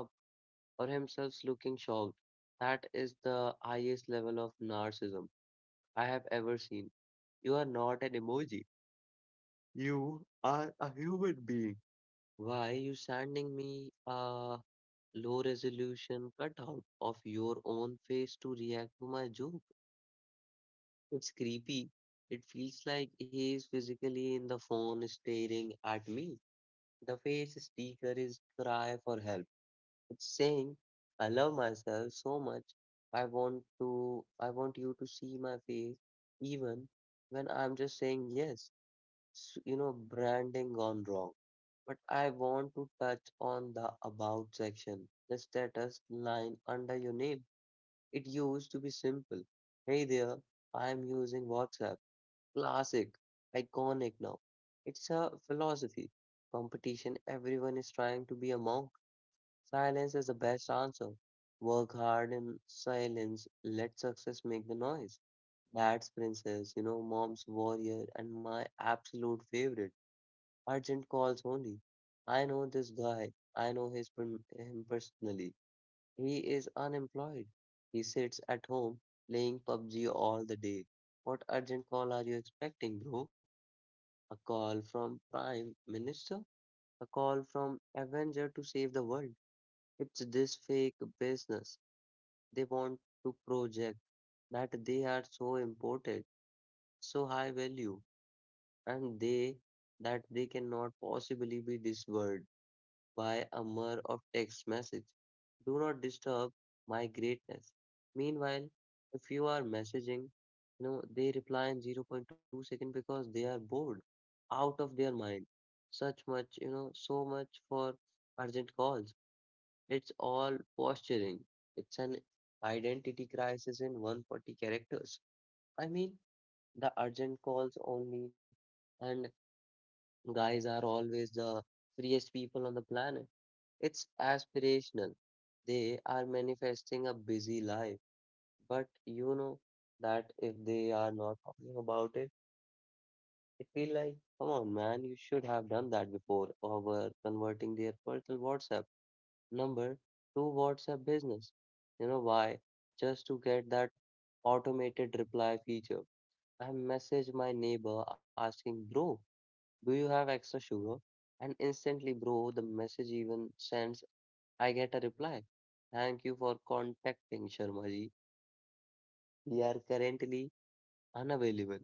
S1: or himself looking shocked. That is the highest level of narcissism I have ever seen. You are not an emoji. You are a human being. Why you sending me a low resolution cutout of your own face to react to my joke? It's creepy. It feels like he is physically in the phone staring at me. The face sticker is cry for help. It's saying, I love myself so much. I want to I want you to see my face even when I'm just saying yes. S- You know, branding gone wrong. But I want to touch on the about section, the status line under your name. It used to be simple. Hey there, I'm using WhatsApp. Classic, iconic now. It's a philosophy. Competition, everyone is trying to be a monk. Silence is the best answer. Work hard in silence. Let success make the noise. Dad's princess, you know, mom's warrior, and my absolute favorite, urgent calls only. I know this guy. I know his per- him personally. He is unemployed. He sits at home playing PUBG all the day. What urgent call are you expecting, bro? A call from Prime Minister, a call from Avenger to save the world. It's this fake business. They want to project that they are so important, so high value, and they that they cannot possibly be this world by a mur of text message. Do not disturb my greatness. Meanwhile, if you are messaging, you know, they reply in zero point zero point two second because they are bored, out of their mind. Such much, you know, so much for urgent calls. It's all posturing. It's an identity crisis in one hundred forty characters. I mean, the urgent calls only and Guys are always the freest people on the planet. It's aspirational. They are manifesting a busy life. But you know that if they are not talking about it, it feel like, come on, man, you should have done that before or were converting their personal WhatsApp number to WhatsApp business. You know why? Just to get that automated reply feature. I message my neighbor asking, bro, do you have extra sugar? And instantly, bro, the message even sends, I get a reply. Thank you for contacting Sharma ji. We are currently unavailable.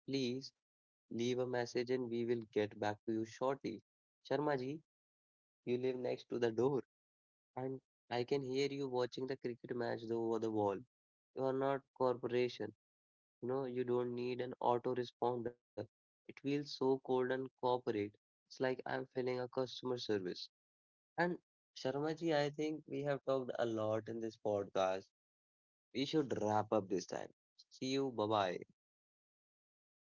S1: Please leave a message and we will get back to you shortly. Sharma ji, you live next to the door and I can hear you watching the cricket match though over the wall. You are not corporation. You know, you don't need an autoresponder. It feels so cold and corporate. It's like I'm filling a customer service. And Sharmaji, I think we have talked a lot in this podcast. We should wrap up this time. See you. Bye bye.